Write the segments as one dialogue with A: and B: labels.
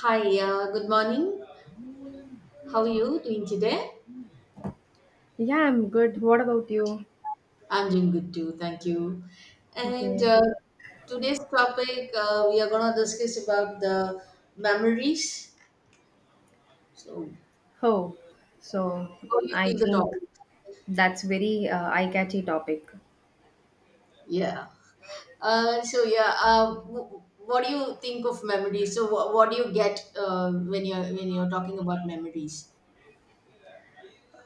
A: Hi, good morning. How are you doing today?
B: Yeah, I'm good. What about you?
A: I'm doing good too, thank you. And
B: Okay.
A: uh, today's topic, we are going to discuss about the memories. So,
B: Oh, so
A: how you
B: I
A: feel the
B: think
A: topic?
B: that's very eye-catchy topic.
A: Yeah. So, what do you think of memories? So, what do you get when you're talking about memories?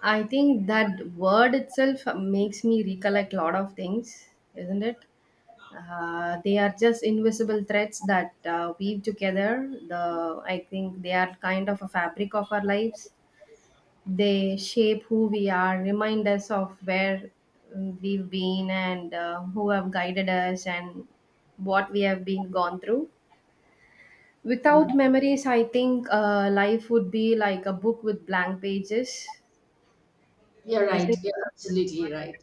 B: I think that word itself makes me recollect a lot of things, isn't it? They are just invisible threads that weave together. The I think they are kind of a fabric of our lives. They shape who we are, remind us of where we've been and who have guided us and what we have been gone through.
A: Yeah.
B: Without memories, I think life would be like a book with blank pages,
A: You're
B: isn't
A: right.
B: it?
A: You're absolutely right.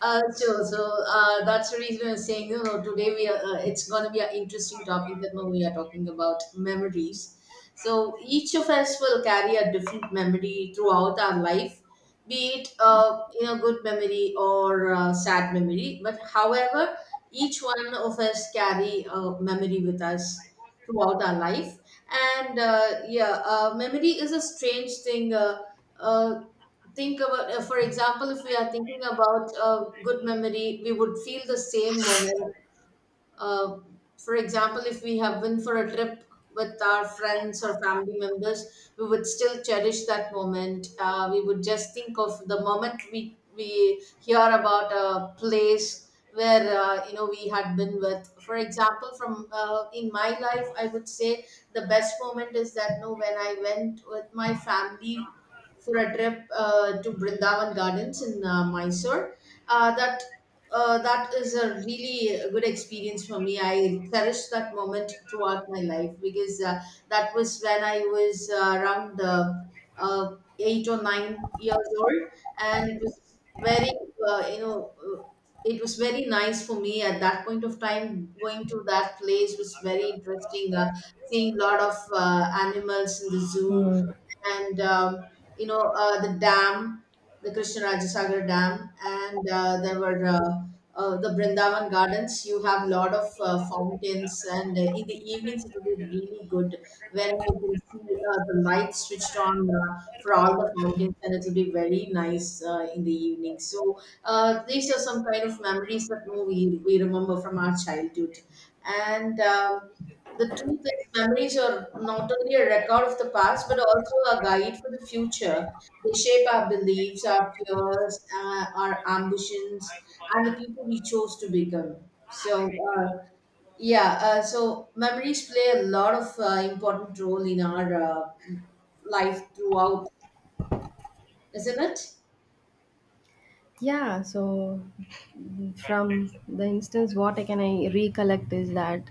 A: So, that's the reason I'm saying, you know, today we are. It's going to be an interesting topic that now we are talking about memories. So each of us will carry a different memory throughout our life, be it good memory or sad memory. But however, each one of us carry a memory with us throughout our life, and memory is a strange thing. Uh, think about for example, if we are thinking about a good memory we would feel the same moment. Uh, for example, if we have been for a trip with our friends or family members, we would still cherish that moment. We would just think of the moment we hear about a place where we had been with. For example, from in my life, I would say the best moment is that no, when I went with my family for a trip to Brindavan Gardens in Mysore. Uh, that that is a really good experience for me. I cherish that moment throughout my life because that was when I was around 8 or 9 years old, and it was very, you know, it was very nice for me at that point of time. Going to that place was very interesting. Seeing a lot of animals in the zoo,
B: Hmm.
A: and the dam, the Krishna Rajasagar Dam, and there were the Brindavan Gardens. You have lot of fountains, and in the evenings it will be really good when we can see the lights switched on for all the fountains, and it will be very nice in the evening. So these are some kind of memories that no, we remember from our childhood, and the truth is, memories are not only a record of the past, but also a guide for the future. They shape our beliefs, our fears, our ambitions, and the people we chose to become. So, uh, yeah, so memories play a lot of important role in our life throughout, isn't it?
B: Yeah, so from the instance what I recollect is that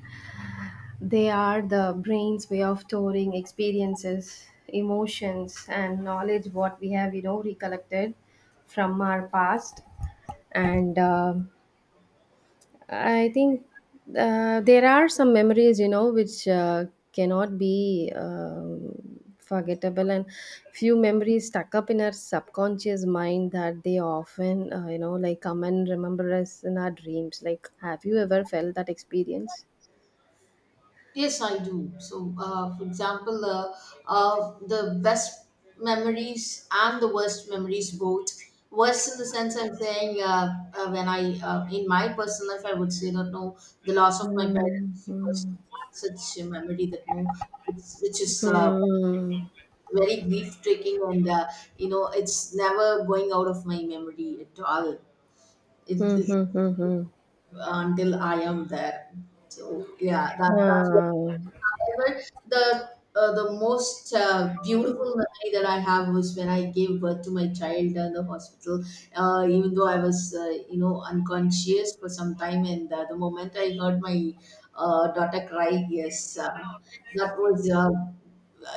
B: they are the brain's way of storing experiences, emotions, and knowledge what we have, you know, recollected from our past. And I think there are some memories, you know, which cannot be forgettable, and few memories stuck up in our subconscious mind that they often, you know, like come and remember us in our dreams. Like, have you ever felt that experience?
A: Yes, I do. So, for example, the best memories and the worst memories both. Worst in the sense I'm saying when in my personal life, I would say that no, the loss of my parents was
B: Mm-hmm.
A: such a memory that no, which is
B: Hmm.
A: very grief taking, and it's never going out of my memory at all. It,
B: Hmm,
A: it,
B: hmm, hmm, hmm.
A: until I am there. So yeah, that's.
B: Ah.
A: However, the the most beautiful memory that I have was when I gave birth to my child in the hospital. Even though I was, unconscious for some time, and the moment I heard my daughter cry, yes, that was, uh,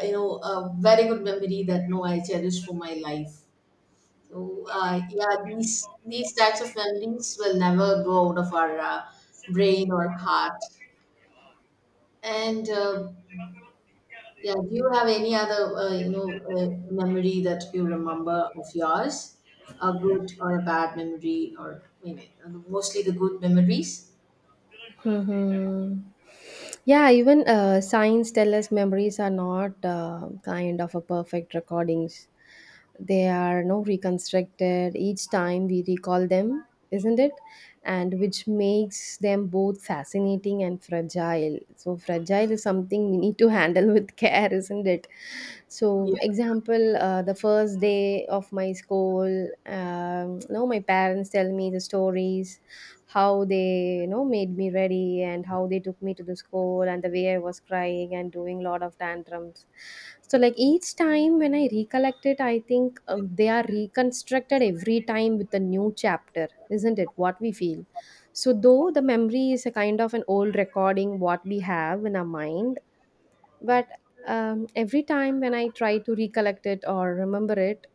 A: you know, a very good memory that no I cherish for my life. So these types of memories will never go out of our brain or heart. And yeah, do you have any other, memory that you remember of yours? A good or a bad memory, or I mean, mostly the good memories?
B: Mhm. Yeah, even science tell us memories are not kind of a perfect recordings. They are no reconstructed each time we recall them, isn't it? And which makes them both fascinating and fragile, so fragile is something we need to handle with care, isn't it? So
A: Yeah.
B: example, the first day of my school, now my parents tell me the stories how they, you know, made me ready and how they took me to the school and the way I was crying and doing a lot of tantrums. So like each time when I recollect it, I think they are reconstructed every time with a new chapter, isn't it what we feel? So though the memory is a kind of an old recording what we have in our mind, but every time when I try to recollect it or remember it,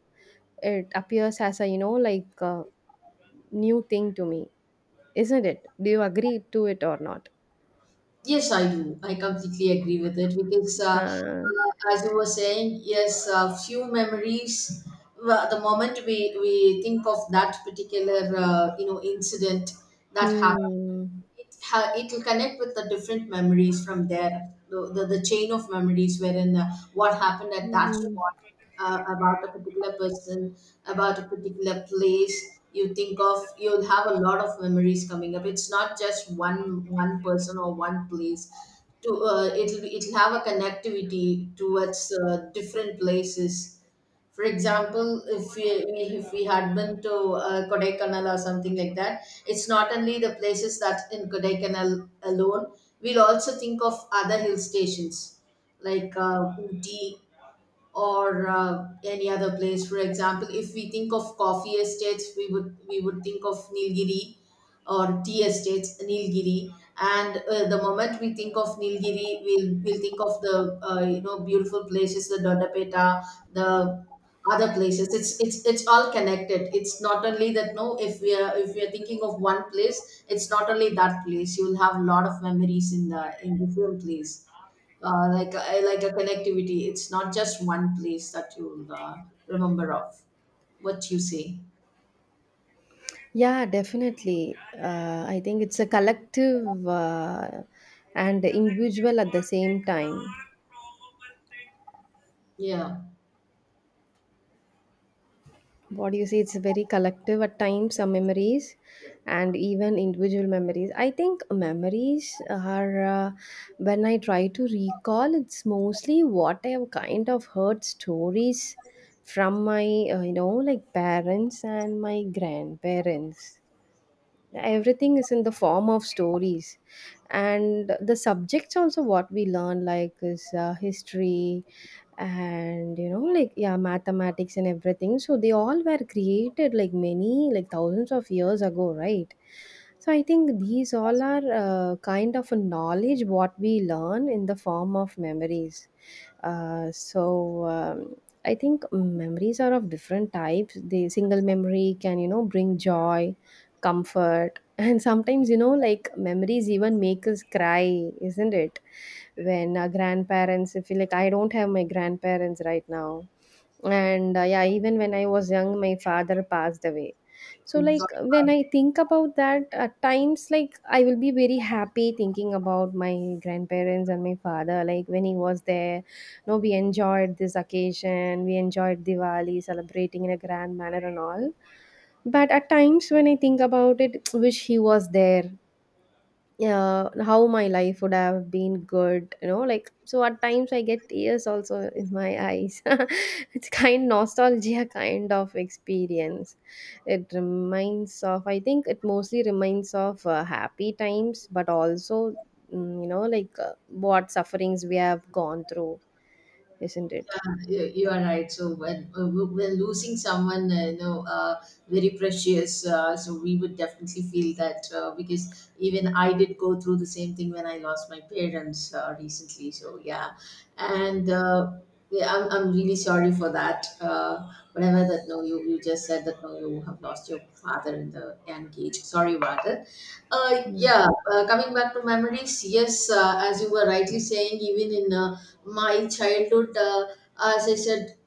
B: it appears as a, you know, like a new thing to me, isn't it? Do you agree to it or not?
A: Yes, I do. I completely agree with it because,
B: Huh.
A: as you were saying, yes, few memories. Well, the moment we think of that particular, incident that happened.
B: Hmm.
A: It will connect with the different memories. From there, the chain of memories wherein what happened at that
B: Hmm.
A: spot, about a particular person, about a particular place you think of, you'll have a lot of memories coming up. It's not just one person or one place to. It'll have a connectivity towards different places. For example, if we had been to Kodaikanal or something like that, it's not only the places that in Kodaikanal alone. We'll also think of other hill stations like Ooty or any other place. For example, if we think of coffee estates, we would think of Nilgiri, or tea estates, Nilgiri. And the moment we think of Nilgiri, we'll think of the beautiful places, the Dodapeta, the other places. It's all connected. It's not only that. No, if we are thinking of one place, it's not only that place. You'll have a lot of memories in the in different place, like a connectivity. It's not just one place that you'll remember of. What you say?
B: Yeah, definitely. I think it's a collective and individual at the same time.
A: Yeah.
B: What do you say? It's very collective at times, some memories, and even individual memories. I think memories are when I try to recall, it's mostly what I have kind of heard stories from my you know, like parents and my grandparents. Everything is in the form of stories, and the subjects also what we learn like is history and, you know, like yeah, mathematics and everything. So they all were created like many, like thousands of years ago, right? So I think these all are kind of a knowledge what we learn in the form of memories. So I think memories are of different types. The single memory can, you know, bring joy, comfort, and sometimes, you know, like memories even make us cry, isn't it? When our grandparents, if you like, I don't have my grandparents right now, and yeah, even when I was young my father passed away. So,
A: Oh,
B: like,
A: sorry.
B: when I think about that, at times, like, I will be very happy thinking about my grandparents and my father. Like, when he was there, you know, we enjoyed this occasion, we enjoyed Diwali, celebrating in a grand manner and all. But at times, when I think about it, wish he was there, yeah, how my life would have been good, you know, like so at times I get tears also in my eyes. It's kind nostalgia kind of experience. It reminds of, I think it mostly reminds of happy times, but also you know like what sufferings we have gone through, isn't it?
A: Yeah, you are right. So when losing someone, very precious, so we would definitely feel that, because even I did go through the same thing when I lost my parents recently. So yeah, and yeah, I'm really sorry for that. Whatever that no, you just said that no, you have lost your father in the young age. Sorry about it. Uh, yeah, Coming back to memories, yes, as you were rightly saying, even in my childhood. As I said,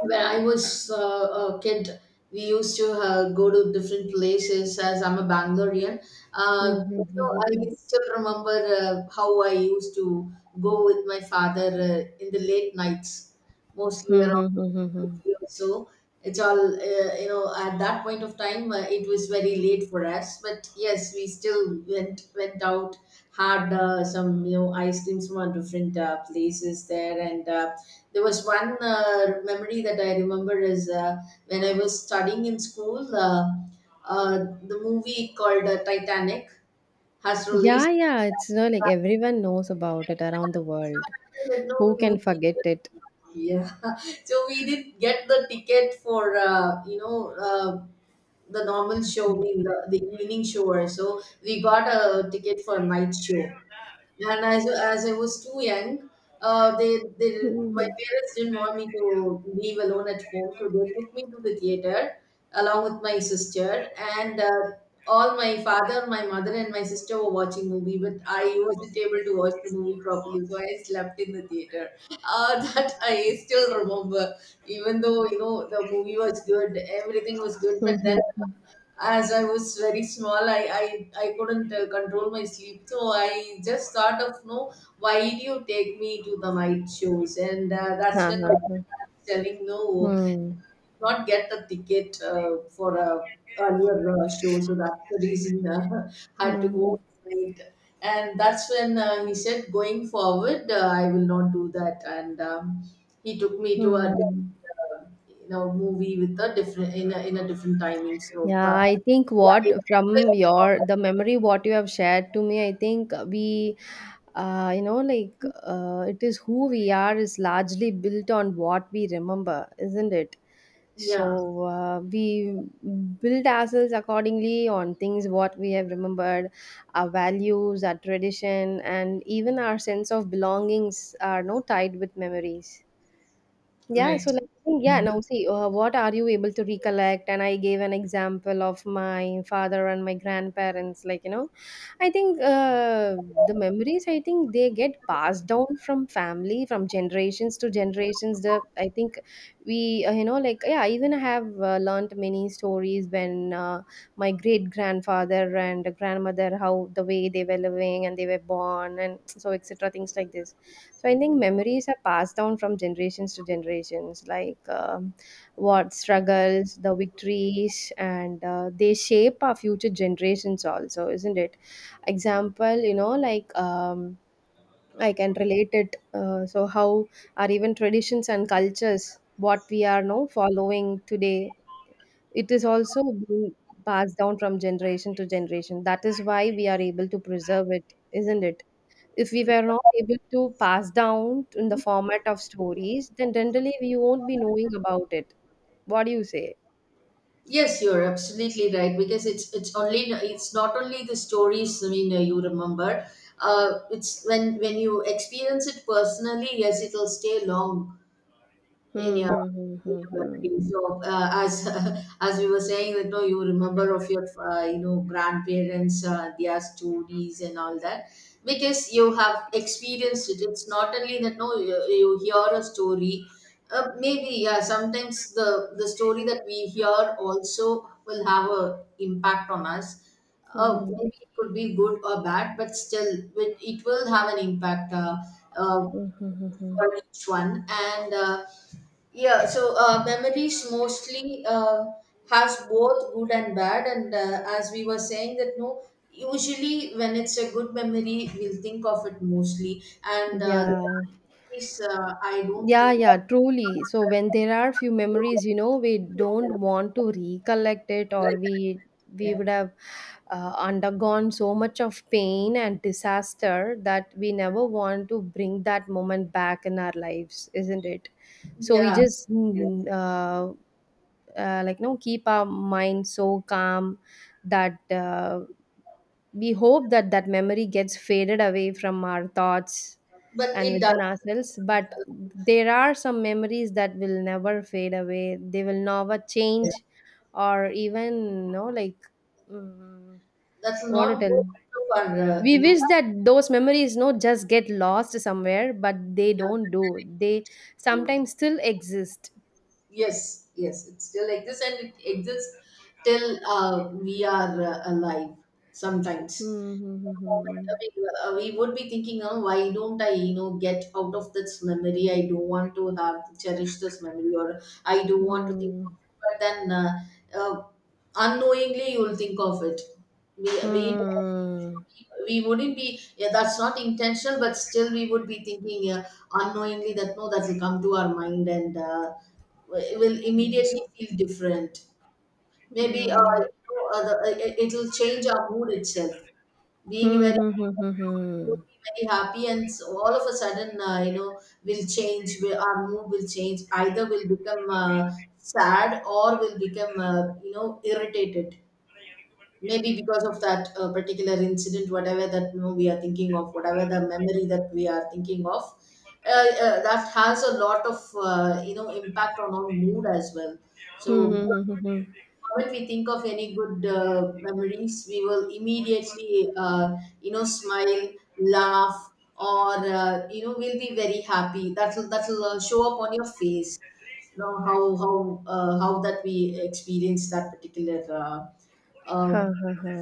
A: when I was a kid, we used to go to different places. As I'm a Bangalorean, uh,
B: Mm. Mhm.
A: I still remember how I used to go with my father in the late nights, mostly around.
B: Mhm.
A: So it's all, at that point of time, it was very late for us, but yes, we still went out, had some, ice creams from our different places there. And there was one memory that I remember is, when I was studying in school, uh, the movie called Titanic has
B: Yeah,
A: released.
B: yeah, it's you like everyone knows about it around the world.
A: That no,
B: Who can forget it?
A: yeah. So we did get the ticket for uh, the normal show, being the evening show. So we got a ticket for night show. And as I was too young, they my
B: Hmm.
A: parents didn't want me to leave alone at home, so they took me to the theater along with my sister. And all my father, my mother, and my sister were watching movie, but I wasn't able to watch the movie properly, so I slept in the theater. That I still remember. Even though, the movie was good, everything was good,
B: Hmm,
A: but then,
B: hmm.
A: as I was very small, I couldn't control my sleep. So I just thought of, no, why do you take me to the night shows? And that's
B: Huh,
A: when my
B: huh, huh.
A: dad was telling no,
B: Hmm.
A: not get the ticket for a earlier show, so that's the reason, had to
B: Hmm.
A: go late. And that's when he said, going forward, I will not do that. And he took me to a
B: Hmm.
A: movie with a different, in a different timing. So
B: Yeah,
A: but,
B: I think
A: yeah,
B: what from your the memory what you have shared to me, I think we, you know, like it is who we are is largely built on what we remember, isn't it? So
A: yeah,
B: we build ourselves accordingly on things what we have remembered, our values, our tradition, and even our sense of belongings are no tied with memories. Yeah, so
A: right.
B: like, I think,
A: Yeah.
B: yeah, now see, what are you able to recollect? And I gave an example of my father and my grandparents. Like, you know, I think the memories, I think they get passed down from family, from generations to generations. The I think we, you know, like, yeah, I even have learned many stories when my great grandfather and grandmother, how the way they were living and they were born, and so etc. things like this. So I think memories are passed down from generations to generations, like what struggles, the victories, and they shape our future generations also, isn't it? Example, you know, like I can relate it. So how are even traditions and cultures what we are now following today, it is also being passed down from generation to generation. That is why we are able to preserve it, isn't it? If we were not able to pass down in the format of stories, then generally we won't be knowing about it. What do you say?
A: Yes, you're absolutely right, because it's not only the stories, I mean, you remember. It's when you experience it personally, yes, it'll stay long in
B: Hmm,
A: your,
B: hmm, hmm,
A: in
B: hmm,
A: your
B: hmm.
A: memory. So as as we were saying that no, you remember of your grandparents, their stories and all that because you have experienced it. It's not only that no, you hear a story. Maybe yeah. Sometimes the story that we hear also will have a impact on us.
B: Hmm,
A: Maybe it could be good or bad, but still, it will have an impact. Uh,
B: hmm, hmm, hmm.
A: for each one. And memories mostly has both good and bad, and as we were saying that no, usually when it's a good memory, we'll think of it mostly, and the
B: Yeah.
A: bad is, I don't
B: Yeah,
A: think.
B: yeah, truly. So when there are few memories, you know, we don't want to recollect it, or we
A: Yeah.
B: would have undergone so much of pain and disaster that we never want to bring that moment back in our lives, isn't it? So we
A: Yeah,
B: just
A: yeah,
B: like no keep our mind so calm that we hope that that memory gets faded away from our thoughts
A: but
B: and
A: it does.
B: within ourselves. But there are some memories that will never fade away, they will never
A: Yeah.
B: change, or even no, like mm,
A: That's
B: what to
A: not
B: tell,
A: good for,
B: we
A: you know.
B: wish that those memories no just get lost somewhere, but they don't, do they?
A: uh,
B: Sometimes still exist.
A: Yes, yes, it still exists, and it exists till we are alive sometimes.
B: Hmm, hmm, hmm, hmm.
A: We would be thinking, oh, why don't I, you know, get out of this memory? I don't want to have cherish this memory, or I don't want to think of it. But then, uh, unknowingly, you'll think of it. We we
B: Hmm. Hmm.
A: we wouldn't be, yeah, that's not intentional, but still we would be thinking unknowingly that no, that will come to our mind, and it will
B: Hmm.
A: immediately feel different. Maybe it will change our mood itself. Being
B: Hmm,
A: very
B: hmm, hmm, hmm, hmm.
A: very happy, and so all of a sudden, our mood will change. Either will become sad or will become irritated, maybe because of that particular incident, whatever that, we are thinking of, whatever the memory that we are thinking of. That has a lot of impact on our mood as well. So
B: Hmm, hmm, hmm,
A: the
B: hmm, hmm.
A: moment we think of any good memories, we will immediately, smile, laugh, or, we'll be very happy. That will show up on your face, you know. How that we experience that particular uh,
B: Ha, ha, ha.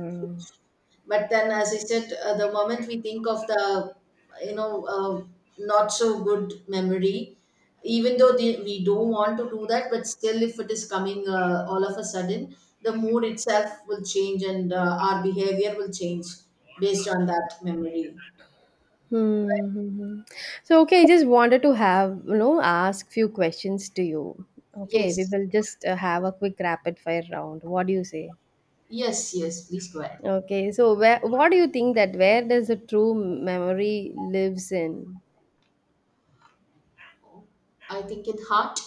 A: but then, as I said, the moment we think of the, you know uh, not so good memory, even though we don't want to do that, but still if it is coming, all of a sudden the mood itself will change, and our behavior will change based on that memory.
B: Hmm, hmm, hmm. So okay, I just wanted to have, you know, ask few questions to you. Okay, we
A: Yes,
B: will just have a quick rapid fire round. What do you say?
A: yes, please go ahead.
B: Okay, so where what do you think that where does the true memory lives in?
A: I think in heart.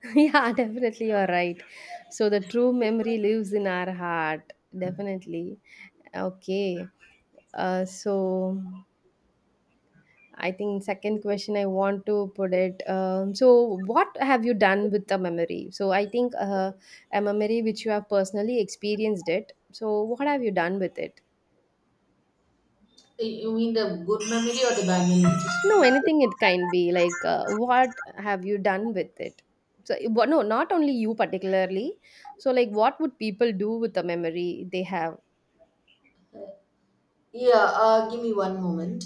B: Yeah, definitely, you're right. So the true memory lives in our heart, definitely. Okay. So I think second question I want to put it. So what have you done with the memory? So I think a memory which you have personally experienced it. So what have you done with it?
A: You mean the good memory or the bad memory?
B: No, anything it can be like, what have you done with it? So what, no, not only you particularly. So like what would people do with the memory they have?
A: Yeah, give me one moment.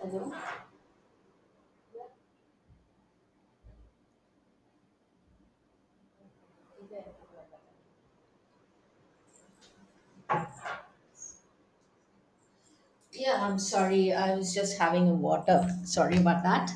A: Hello. Yeah, I'm sorry. I was just having a water. Sorry about that.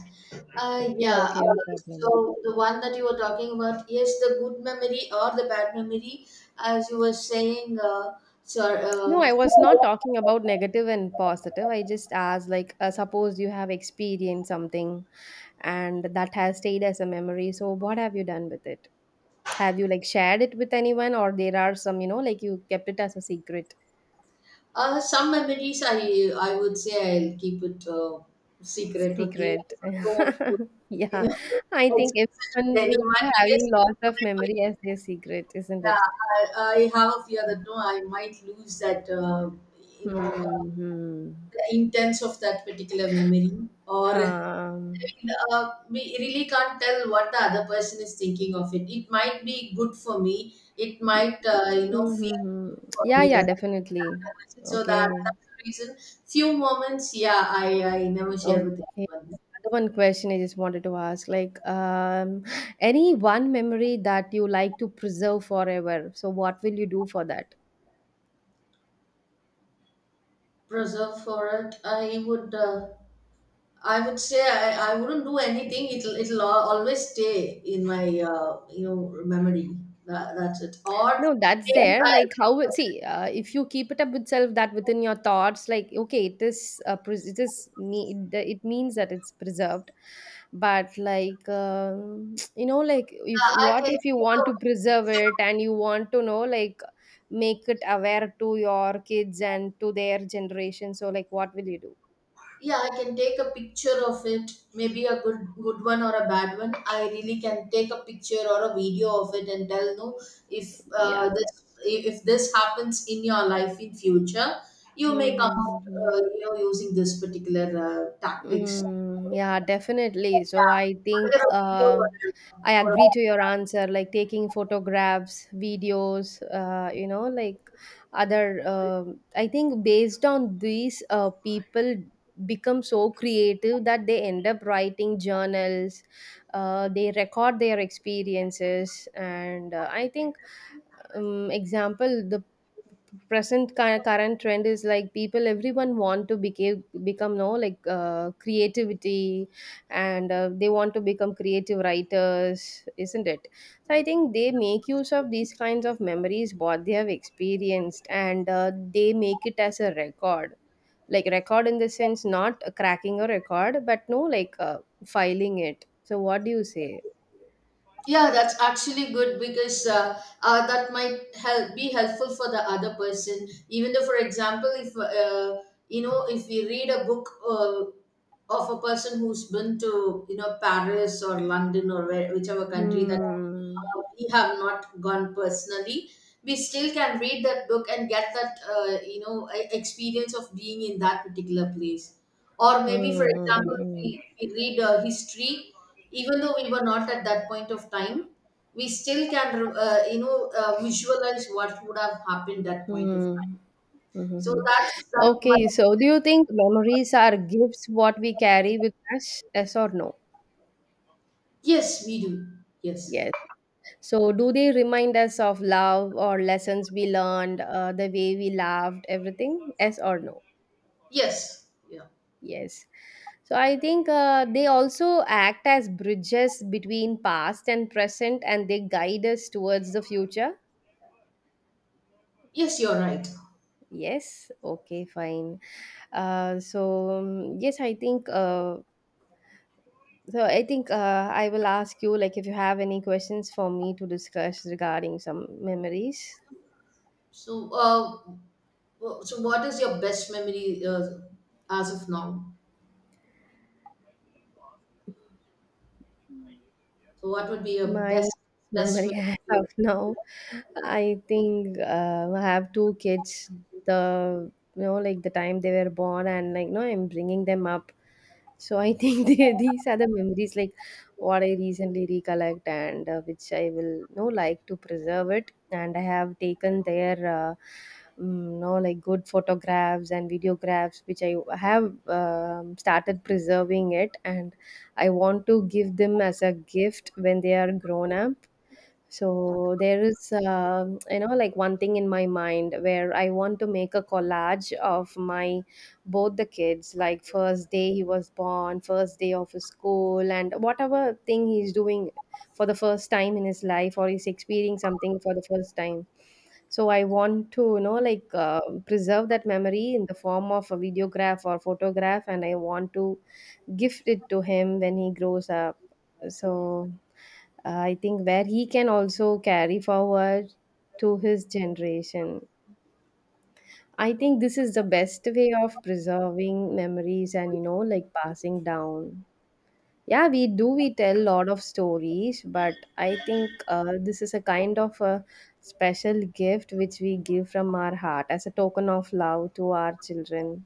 A: Uh,
B: Yeah,
A: yeah. Uh,
B: okay, no problem.
A: so the one that you were talking about, yes, the good memory or the bad memory, as you were saying, sir.
B: No, I was not talking about negative and positive. I just asked, like, suppose you have experienced something and that has stayed as a memory. So, what have you done with it? Have you, like, shared it with anyone, or there are some, you know, like you kept it as a secret?
A: Some memories, I would say I'll keep it secret with me
B: Secret.
A: because I don't want to, you
B: Yeah,
A: know,
B: I think
A: express it
B: everyone
A: to
B: will be
A: anyone because
B: having lots of
A: I might,
B: memory as their secret, isn't
A: yeah,
B: it?
A: I have a fear that no, I might lose that, you know,
B: Hmm.
A: intents of that particular memory, or I
B: Um,
A: mean, we really can't tell what the other person is thinking of it. It might be good for me, it might,
B: hmm, hmm,
A: feel
B: hmm.
A: good for
B: Yeah,
A: me,
B: yeah,
A: but,
B: definitely.
A: so that
B: Okay.
A: that's the reason. Few moments, yeah, I never
B: Okay.
A: share with
B: Another
A: anyone.
B: one question I just wanted to ask, like, any one memory that you like to preserve forever. So what will you do for that?
A: Preserve for it, I would, I would say I wouldn't do anything. It'll always stay in my, uh, you know memory. That's it. Or
B: No, that's
A: maybe
B: there. Like how it- see, if you keep it up itself, that within your thoughts, like okay, it is pres- it is need it it means that it's preserved. But like you know, like if
A: yeah, I
B: what
A: can take
B: if you want to
A: a
B: preserve
A: picture.
B: it and you want to know like make it aware to your kids and to their generation. So like, what will you do?
A: Yeah, I can take a picture of it. Maybe a good one or a bad one. I really can take a picture or a video of it and tell, no, if
B: Yeah.
A: this, if this happens in your life in future, you may come out,
B: Mm-hmm.
A: using this particular tactics.
B: Mm, yeah, definitely. So I
A: Yeah,
B: think
A: either a video or
B: I
A: or a…
B: agree to your answer. Like taking photographs, videos, you know, like other. Um, I think based on these, people become so creative that they end up writing journals. They record their experiences, and I think example the present cu- current trend is like people everyone want to become no like creativity and they want to become creative writers, isn't it? So I think they make use of these kinds of memories what they have experienced and they make it as a record, like record in the sense not cracking a record but no like filing it. So what do you say?
A: Yeah, that's actually good because, that might help, be helpful for the other person. Even though, for example, if you know, if we read a book of a person who's been to, you know, Paris or London, or where, whichever country that
B: Hmm.
A: we have not gone personally, we still can read that book and get that experience of being in that particular place, or maybe,
B: Hmm,
A: for
B: hmm, hmm,
A: example,
B: hmm.
A: if we read history. Even though we were not at that point of time, we still can, visualize what would have happened that point of
B: Hmm.
A: time. So
B: Mhm.
A: that's why.
B: Okay, so do you think memories are gifts what we carry with us? Yes or no?
A: Yes, we do. Yes.
B: Yes. So do they remind us of love or lessons we learned, the way we laughed, everything? Yes or no?
A: Yes. Yeah.
B: Yes. So I think they also act as bridges between past and present and they guide us towards the future.
A: Yes, you're right.
B: Yes. Okay, fine. Uh, so um, yes, I think uh, So I think I will ask you like if you have any questions for me to discuss regarding some memories.
A: So, so what is your best memory as of now? So, what would be your
B: My
A: best
B: memory as of
A: memory?
B: now, I think I have two kids. The you know like the time they were born and like no, I'm bringing them up. So I think these are the memories like what I recently recollect and which I will no like to preserve it. And I have taken their no like good photographs and videographs which I have started preserving it, and I want to give them as a gift when they are grown up. So there is, you know, like one thing in my mind where I want to make a collage of my both the kids, like first day he was born, first day of his school, and whatever thing he's doing for the first time in his life or he's experiencing something for the first time. So I want to, you know, preserve that memory in the form of a videograph or photograph, and I want to gift it to him when he grows up. So I think where he can also carry forward to his generation. I think this is the best way of preserving memories and you know like passing down. Yeah, we tell a lot of stories, but I think this is a kind of a special gift which we give from our heart as a token of love to our children.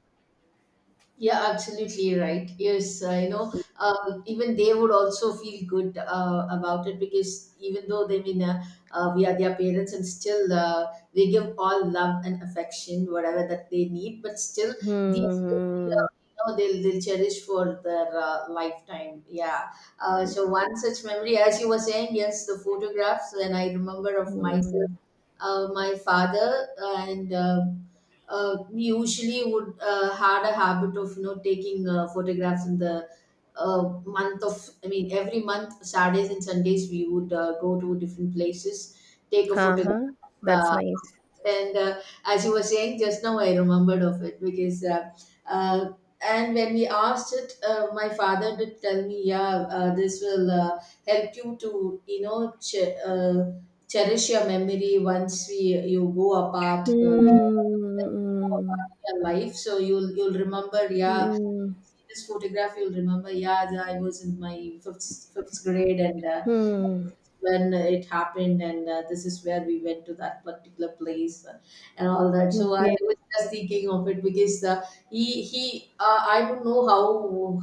A: Yeah, absolutely right. Yes, even they would also feel good about it, because even though they mean we are their parents, and still we give all love and affection, whatever that they need, but still these will be,
B: Hmm.
A: they'll cherish for their lifetime. Yeah. So one such memory, as you were saying, yes, the photographs. When I remember of myself,
B: Hmm.
A: my father, and we usually would, had a habit of, you know, taking photographs in the month of I mean every month. Saturdays and Sundays, we would go to different places, take a photograph.
B: Uh-huh. That's
A: uh,
B: nice.
A: and as you were saying just now, I remembered of it because uh, and when we asked it, my father did tell me, yeah, this will help you to, you know, cherish your memory once we, you go apart,
B: Hmm. Hmm.
A: your life, so you'll remember. Yeah,
B: Hmm.
A: see this photograph, you'll remember. Yeah, I was in my fifth fifth grade, and
B: Hmm,
A: when it happened, and this is where we went to that particular place, and all that. So I
B: okay.
A: was just thinking of it because he he I don't know how,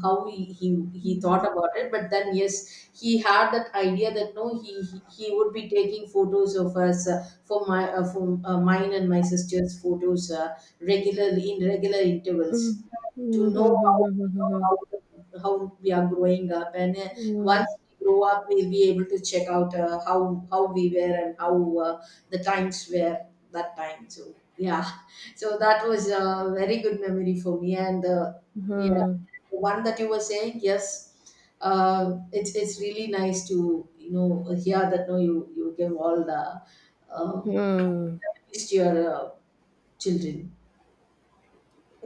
A: how he, he he thought about it, but then, yes, he had that idea that no, he would be taking photos of us for mine and my sister's photos, regularly, in regular intervals,
B: Mm.
A: to
B: Mhm,
A: know
B: mhm, mhm, mhm,
A: how how we are growing up, and
B: mhm.
A: once we grow up, we'll be able to check out, how we were and how the times were that time. So yeah, so that was a very good memory for me, and yeah,
B: Mhm,
A: the one that you were saying, yes. It's really nice to, you know, hear that, no, you give all the, um,
B: mhm.
A: memories to your children.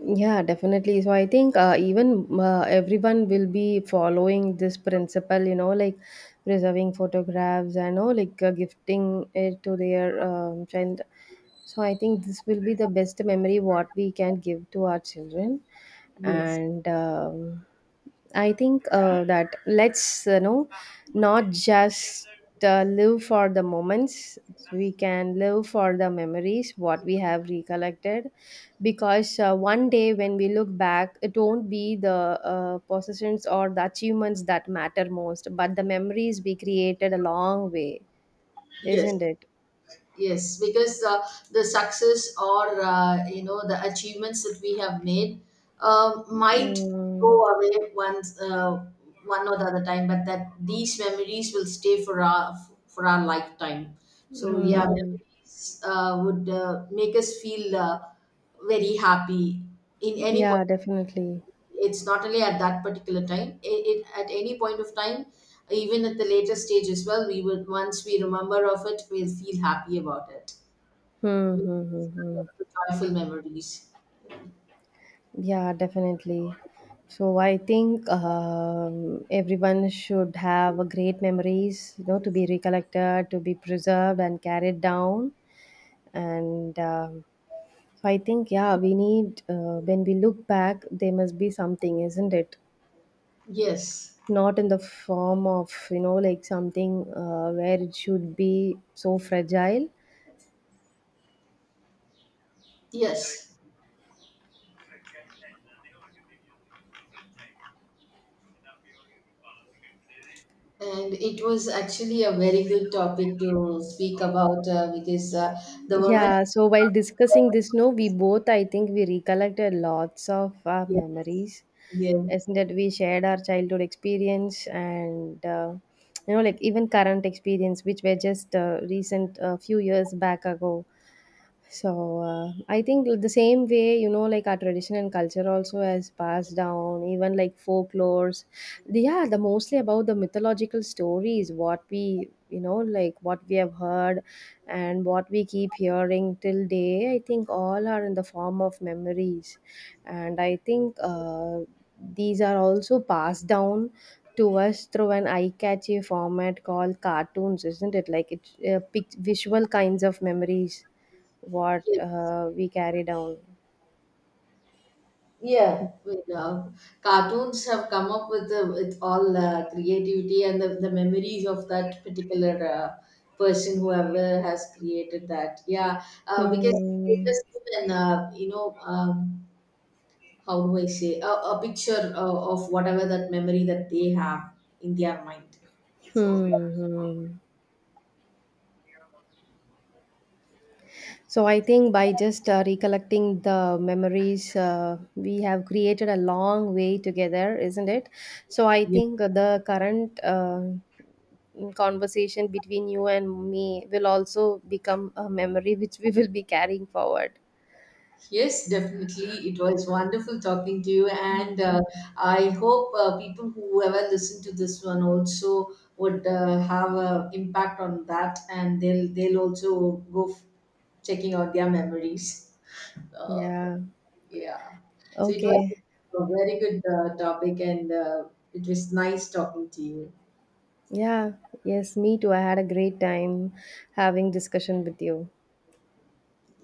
B: Yeah, definitely. So I think even everyone will be following this principle, you know, like preserving photographs and all, like gifting it to their child. So I think this will be the best memory what we can give to our children.
A: Yes.
B: And I think that let's you know not just live for the moments. We can live for the memories what we have recollected, because one day when we look back, it won't be the possessions or the achievements that matter most, but the memories we created along long way,
A: Yes,
B: isn't it?
A: Yes, because the success or, the achievements that we have made, um, might go
B: Mm,
A: away once, one or the other time, but that these memories will stay for our, for our lifetime. So yeah,
B: hmm.
A: memories would make us feel very happy in any
B: Yeah,
A: point.
B: definitely.
A: It's not only at that particular time. It at any point of time, even at the later stage as well. We would, once we remember of it, we'll feel happy about it.
B: Hmm,
A: Yes,
B: hmm, hmm, hmm.
A: the joyful memories.
B: Yeah, definitely. So I think everyone should have a great memories, you know, to be recollected, to be preserved and carried down. And So I think, yeah, we need when we look back, there must be something, isn't it?
A: Yes,
B: Not in the form of you know like something where it should be so fragile.
A: yes. And it was actually a very good topic to speak about, because the moment.
B: Yeah, so while discussing this, no, we both, I think, we recollected lots of our
A: Yeah,
B: memories,
A: yeah,
B: isn't it? We shared our childhood experience and, you know, like even current experience, which were just recent, a few years back ago. So I think the same way, you know, like our tradition and culture also has passed down, even like folklores. They are the mostly about the mythological stories, what we, you know, like what we have heard and what we keep hearing till day. I think all are in the form of memories. And I think these are also passed down to us through an eye-catchy format called cartoons, isn't it? Like it's visual kinds of memories what
A: yes.
B: we carry down.
A: Yeah, you know, cartoons have come up with with all creativity, and the memories of that particular person, whoever has created that. Yeah, because they
B: Hmm.
A: just, even, how do I say, a picture of whatever that memory that they have in their mind. So,
B: Hmm. Hmm. So I think by just recollecting the memories we have created a long way together, isn't it? So I
A: yeah.
B: think the current conversation between you and me will also become a memory which we will be carrying forward.
A: Yes, definitely. It was wonderful talking to you.
B: Hmm.
A: And I hope, people, whoever listen to this one, also would have an impact on that, and they'll also go, checking out their memories. Uh,
B: Yeah.
A: yeah. So, it was
B: Okay.
A: a very good topic, and it was nice talking to you.
B: Yeah. Yes, me too. I had a great time having discussion with you.